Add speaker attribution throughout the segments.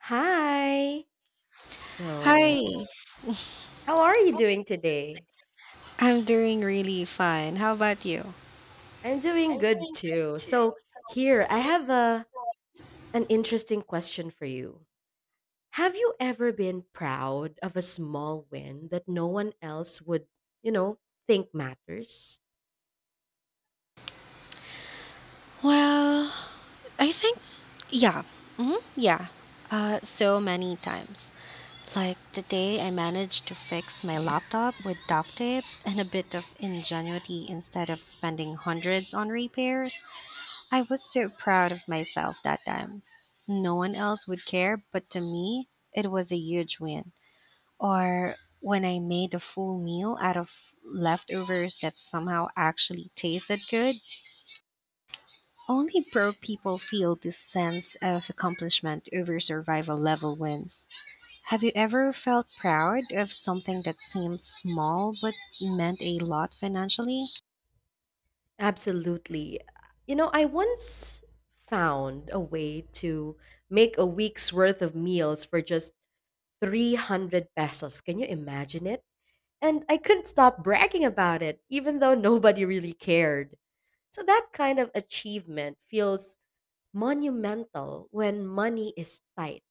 Speaker 1: Hi. So,
Speaker 2: Hi,
Speaker 1: how are you doing today?
Speaker 2: I'm doing really fine. How about you?
Speaker 1: I'm
Speaker 2: I'm
Speaker 1: doing good
Speaker 2: doing
Speaker 1: too.
Speaker 2: good too.
Speaker 1: So,
Speaker 2: So
Speaker 1: here, I have a an interesting question for you. Have you ever been proud of a small win that no one else would, you know, think matters?
Speaker 2: Well, I think, yeah, yeah, so many times. Like today, I managed to fix my laptop with duct tape and a bit of ingenuity instead of spending hundreds on repairs. I was so proud of myself that time. No one else would care, but to me, it was a huge win. Or when I made a full meal out of leftovers that somehow actually tasted good. Only broke people feel this sense of accomplishment over survival level wins. Have you ever felt proud of something that seemed small but meant a lot financially?
Speaker 1: Absolutely. You know, I once found a way to make a week's worth of meals for just 300 pesos. Can you imagine it? And I couldn't stop bragging about it, even though nobody really cared. So that kind of achievement feels monumental when money is tight.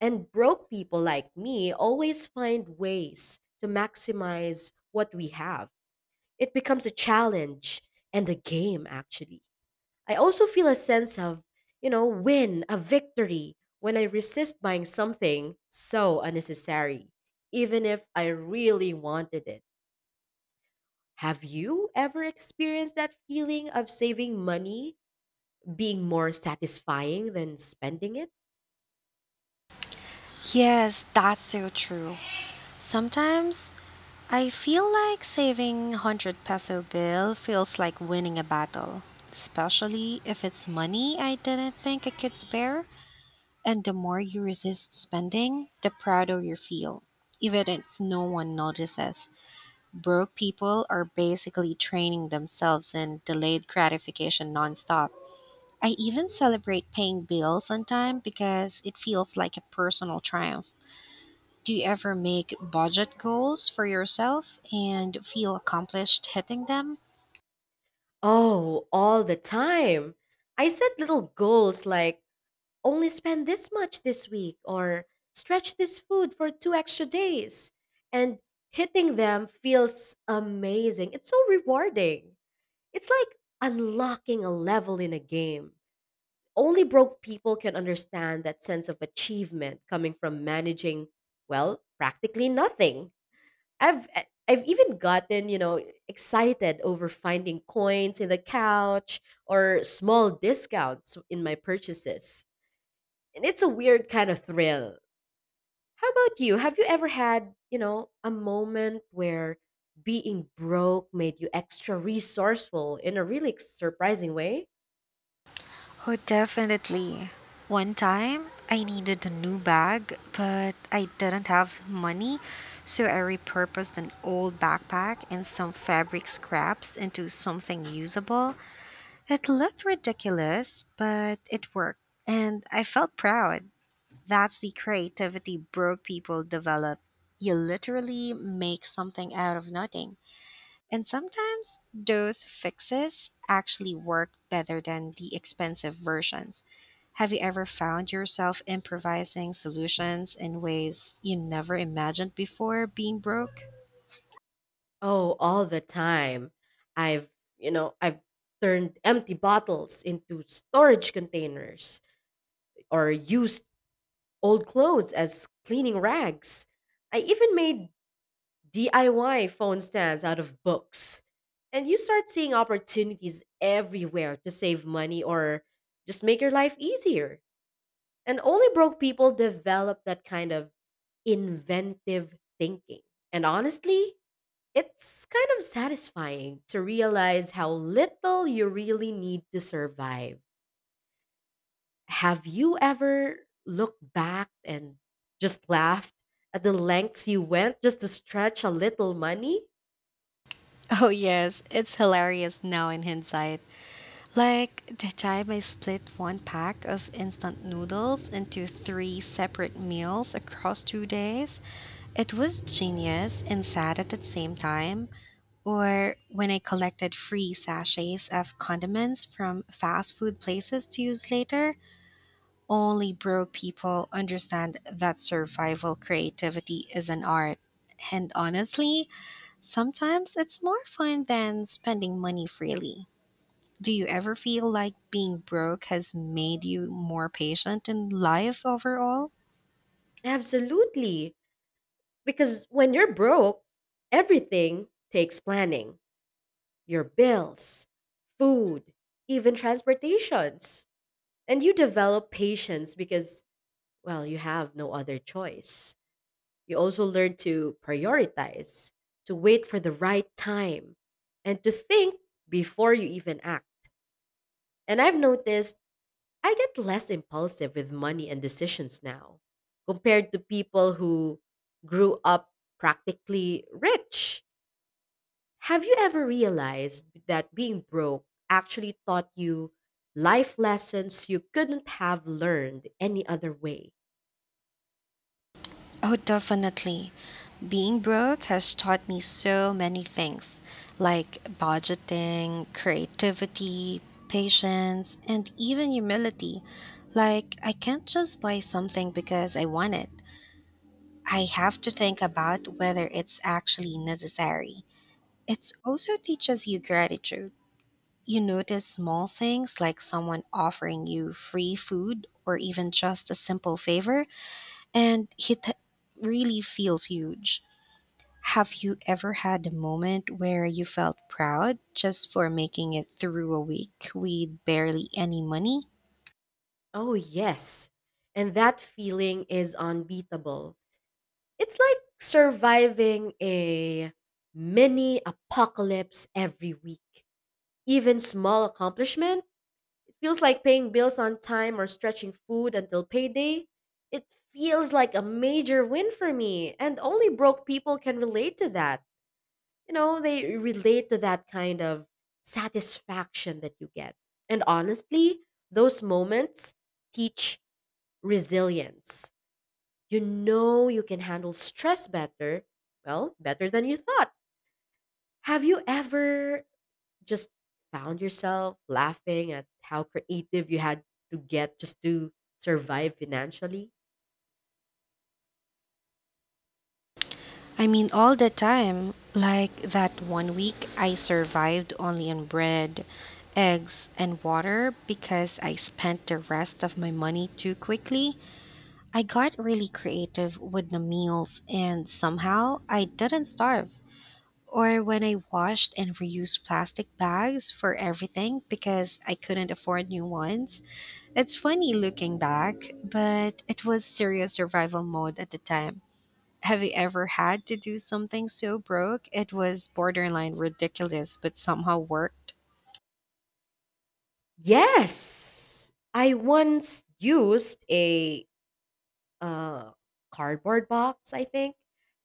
Speaker 1: And broke people like me always find ways to maximize what we have. It becomes a challenge and a game, actually. I also feel a sense of, win, a victory when I resist buying something so unnecessary, even if I really wanted it. Have you ever experienced that feeling of saving money being more satisfying than spending it?
Speaker 2: Yes, that's so true. Sometimes I feel like saving 100 peso bill feels like winning a battle, especially if it's money I didn't think I could spare. And the more you resist spending, the prouder you feel, even if no one notices. Broke people are basically training themselves in delayed gratification nonstop. I even celebrate paying bills on time because it feels like a personal triumph. Do you ever make budget goals for yourself and feel accomplished hitting them?
Speaker 1: Oh, all the time. I set little goals like only spend this much this week or stretch this food for two extra days. And hitting them feels amazing. It's so rewarding. It's like unlocking a level in a game. Only broke people can understand that sense of achievement coming from managing, well, practically nothing. I have even gotten, excited over finding coins in the couch or small discounts in my purchases. And it's a weird kind of thrill. How about you? Have you ever had, a moment where being broke made you extra resourceful in a really surprising way?
Speaker 2: Oh, definitely. One time, I needed a new bag, but I didn't have money, so I repurposed an old backpack and some fabric scraps into something usable. It looked ridiculous, but it worked, and I felt proud. That's the creativity broke people develop. You literally make something out of nothing. And sometimes those fixes actually work better than the expensive versions. Have you ever found yourself improvising solutions in ways you never imagined before being broke?
Speaker 1: Oh, all the time. I've, I've turned empty bottles into storage containers or used old clothes as cleaning rags. I even made DIY phone stands out of books. And you start seeing opportunities everywhere to save money or just make your life easier. And only broke people develop that kind of inventive thinking. And honestly, it's kind of satisfying to realize how little you really need to survive. Have you ever looked back and just laughed at the lengths you went just to stretch a little money?
Speaker 2: Oh, yes, it's hilarious now in hindsight. Like the time I split one pack of instant noodles into three separate meals across 2 days. It was genius and sad at the same time, or when I collected free sachets of condiments from fast food places to use later. Only broke people understand that survival creativity is an art. And honestly, sometimes it's more fun than spending money freely. Do you ever feel like being broke has made you more patient in life overall?
Speaker 1: Absolutely. Because when you're broke, everything takes planning your bills, food, even transportations. And you develop patience because, well, you have no other choice. You also learn to prioritize, to wait for the right time, and to think before you even act. And I've noticed I get less impulsive with money and decisions now compared to people who grew up practically rich. Have you ever realized that being broke actually taught you life lessons you couldn't have learned any other way?
Speaker 2: Oh, definitely. Being broke has taught me so many things like budgeting, creativity, patience, and even humility. Like, I can't just buy something because I want it. I have to think about whether it's actually necessary. It also teaches you gratitude. You notice small things like someone offering you free food or even just a simple favor, and it really feels huge. Have you ever had a moment where you felt proud just for making it through a week with barely any money?
Speaker 1: Oh, yes. And that feeling is unbeatable. It's like surviving a mini apocalypse every week. Even small accomplishment, it feels like paying bills on time or stretching food until payday. It feels like a major win for me, and only broke people can relate to that. You know, they relate to that kind of satisfaction that you get. And honestly, those moments teach resilience. You know, you can handle stress better, well, better than you thought. Have you ever just found yourself laughing at how creative you had to get just to survive financially?
Speaker 2: I mean, all the time. Like that one week I survived only on bread, eggs, and water because I spent the rest of my money too quickly. I got really creative with the meals, and somehow I didn't starve. Or when I washed and reused plastic bags for everything because I couldn't afford new ones. It's funny looking back, but it was serious survival mode at the time. Have you ever had to do something so broke it was borderline ridiculous but somehow worked?
Speaker 1: Yes. I once used a uh, cardboard box, I think,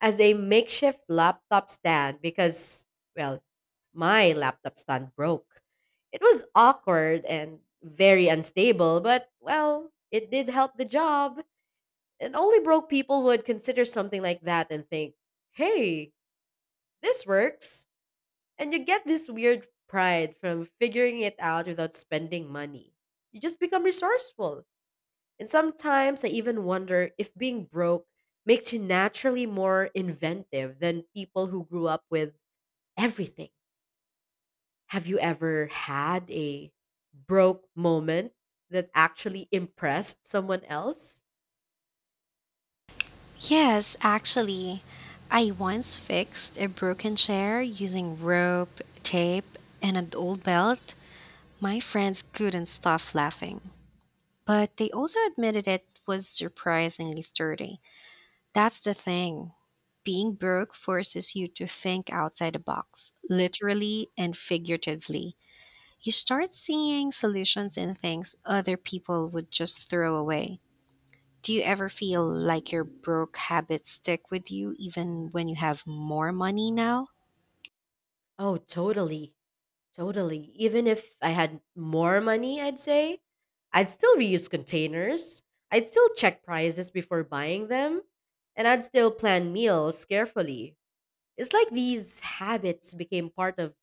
Speaker 1: as a makeshift laptop stand because, well, my laptop stand broke. It was awkward and very unstable, but, well, it did help the job. And only broke people would consider something like that and think, hey, this works. And you get this weird pride from figuring it out without spending money. You just become resourceful, and sometimes I even wonder if being broke makes you naturally more inventive than people who grew up with everything. Have you ever had a broke moment that actually impressed someone else?
Speaker 2: Yes, actually. I once fixed a broken chair using rope, tape, and an old belt. My friends couldn't stop laughing. But they also admitted it was surprisingly sturdy. That's the thing. Being broke forces you to think outside the box, literally and figuratively. You start seeing solutions in things other people would just throw away. Do you ever feel like your broke habits stick with you even when you have more money now?
Speaker 1: Oh, totally. Totally. Even if I had more money, I'd say, I'd still reuse containers. I'd still check prices before buying them. And I'd still plan meals carefully. It's like these habits became part of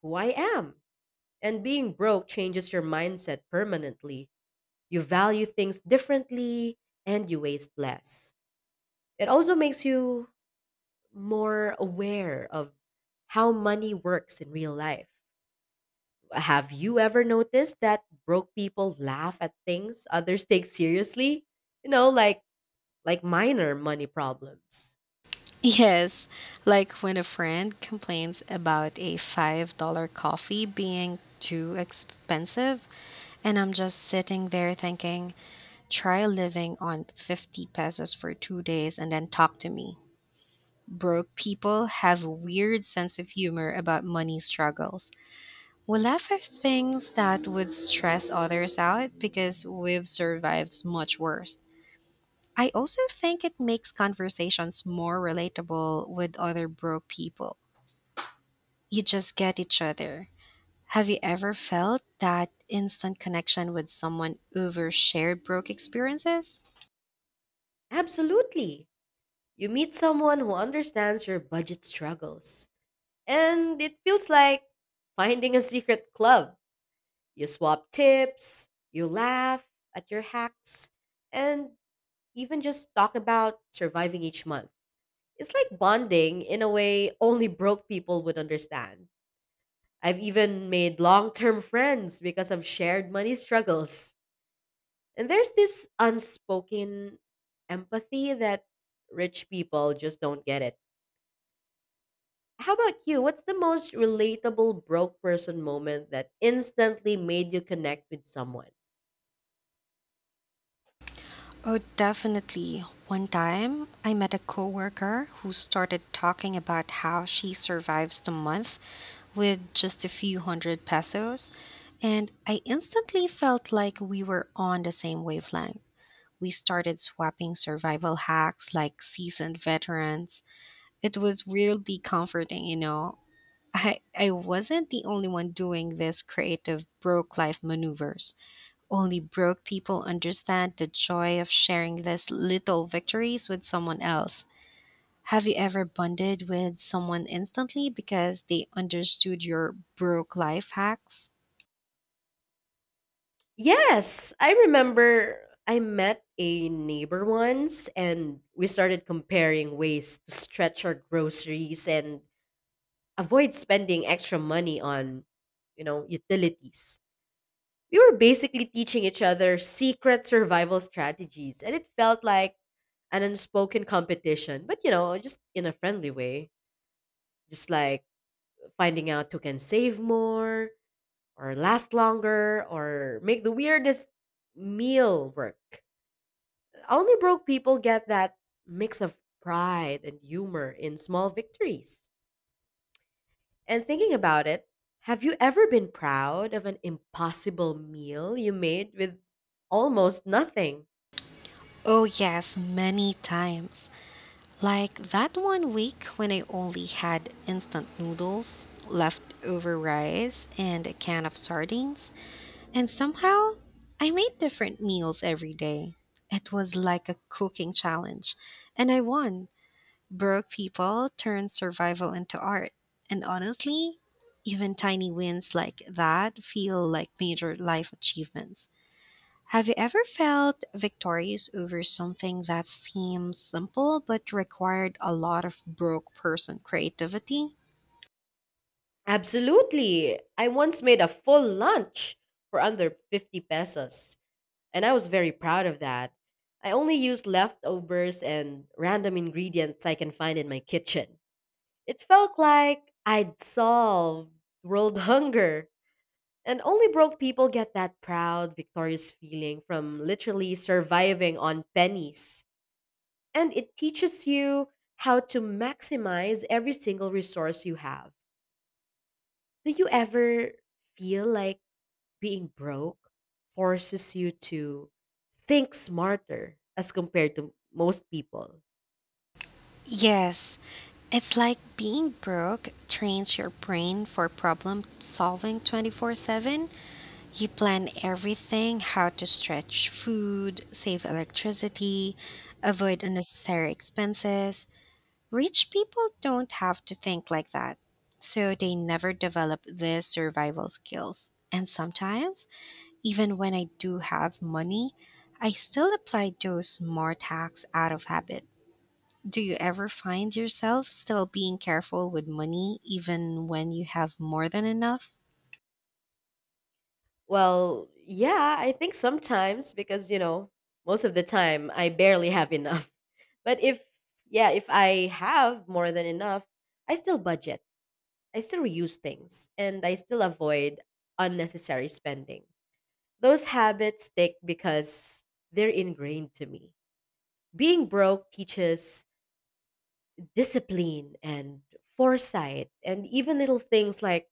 Speaker 1: who I am. And being broke changes your mindset permanently. You value things differently and you waste less. It also makes you more aware of how money works in real life. Have you ever noticed that broke people laugh at things others take seriously? You know, like minor money problems.
Speaker 2: Yes, like when a friend complains about a $5 coffee being too expensive, and I'm just sitting there thinking, try living on 50 pesos for 2 days and then talk to me. Broke people have a weird sense of humor about money struggles. We laugh at things that would stress others out because we've survived much worse. I also think it makes conversations more relatable with other broke people. You just get each other. Have you ever felt that instant connection with someone over shared broke experiences?
Speaker 1: Absolutely. You meet someone who understands your budget struggles, and it feels like finding a secret club. You swap tips, you laugh at your hacks, and even just talk about surviving each month. It's like bonding in a way only broke people would understand. I've even made long term friends because of shared money struggles. And there's this unspoken empathy that rich people just don't get it. How about you? What's the most relatable broke person moment that instantly made you connect with someone?
Speaker 2: Oh, definitely. One time, I met a coworker who started talking about how she survives the month with just a few hundred pesos, and I instantly felt like we were on the same wavelength. We started swapping survival hacks like seasoned veterans. It was weirdly comforting, you know. I wasn't the only one doing this creative broke life maneuvers. Only broke people understand the joy of sharing these little victories with someone else. Have you ever bonded with someone instantly because they understood your broke life hacks?
Speaker 1: Yes, I remember I met a neighbor once and we started comparing ways to stretch our groceries and avoid spending extra money on, utilities. We were basically teaching each other secret survival strategies and it felt like an unspoken competition, but you know, just in a friendly way. Just like finding out who can save more or last longer or make the weirdest meal work. Only broke people get that mix of pride and humor in small victories. And thinking about it, have you ever been proud of an impossible meal you made with almost nothing?
Speaker 2: Oh, yes, many times. Like that one week when I only had instant noodles, leftover rice, and a can of sardines. And somehow, I made different meals every day. It was like a cooking challenge. And I won. Broke people turn survival into art. And honestly, even tiny wins like that feel like major life achievements. Have you ever felt victorious over something that seemed simple but required a lot of broke person creativity?
Speaker 1: Absolutely. I once made a full lunch for under 50 pesos. And I was very proud of that. I only used leftovers and random ingredients I can find in my kitchen. It felt like I'd solved world hunger. And only broke people get that proud, victorious feeling from literally surviving on pennies. And it teaches you how to maximize every single resource you have. Do you ever feel like being broke forces you to think smarter as compared to most people?
Speaker 2: Yes, it's like being broke trains your brain for problem solving 24/7. You plan everything, how to stretch food, save electricity, avoid unnecessary expenses. Rich people don't have to think like that, so they never develop these survival skills. And sometimes, even when I do have money, I still apply those smart hacks out of habit. Do you ever find yourself still being careful with money even when you have more than enough?
Speaker 1: Well, yeah, I think sometimes because, you know, most of the time I barely have enough. But if, yeah, if I have more than enough, I still budget, I still reuse things, and I still avoid unnecessary spending. Those habits stick because they're ingrained to me. Being broke teaches discipline and foresight, and even little things like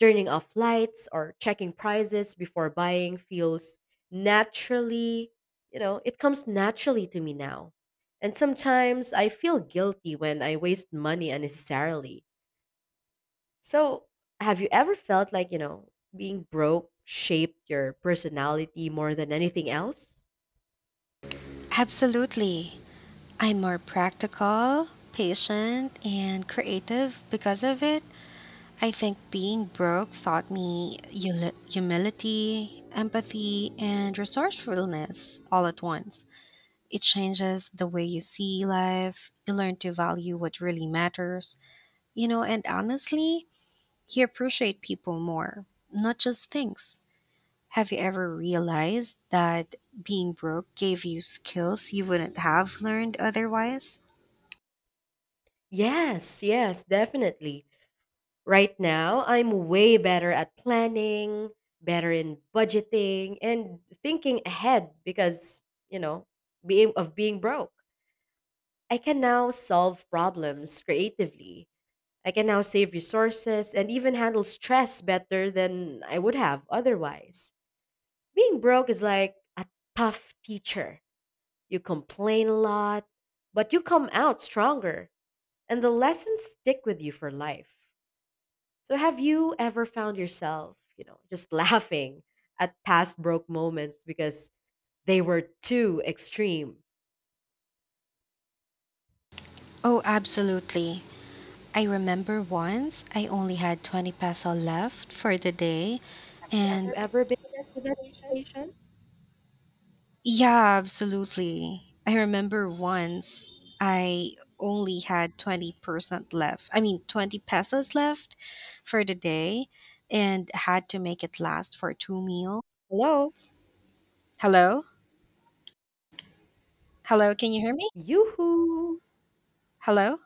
Speaker 1: turning off lights or checking prices before buying feels naturally, you know, it comes naturally to me now. And sometimes I feel guilty when I waste money unnecessarily. So have you ever felt like, being broke shaped your personality more than anything else?
Speaker 2: Absolutely. I'm more practical, patient, and creative because of it. I think being broke taught me humility, empathy, and resourcefulness all at once. It changes the way you see life. You learn to value what really matters, you know, and honestly, you appreciate people more, not just things. Have you ever realized that being broke gave you skills you wouldn't have learned otherwise?
Speaker 1: Yes, yes, definitely. Right now, I'm way better at planning, better in budgeting, and thinking ahead because, you know, being broke. I can now solve problems creatively. I can now save resources and even handle stress better than I would have otherwise. Being broke is like a tough teacher. You complain a lot, but you come out stronger, and the lessons stick with you for life. So have you ever found yourself, just laughing at past broke moments because they were too extreme?
Speaker 2: Oh, absolutely. I remember once I only had 20 peso left for the day.
Speaker 1: Have you
Speaker 2: And
Speaker 1: ever been in that situation?
Speaker 2: yeah, absolutely. I remember once I only had 20% left. I mean, 20 pesos left for the day and had to make it last for two meals.
Speaker 1: Hello?
Speaker 2: Hello? Hello, can you hear me?
Speaker 1: Yoo-hoo!
Speaker 2: Hello?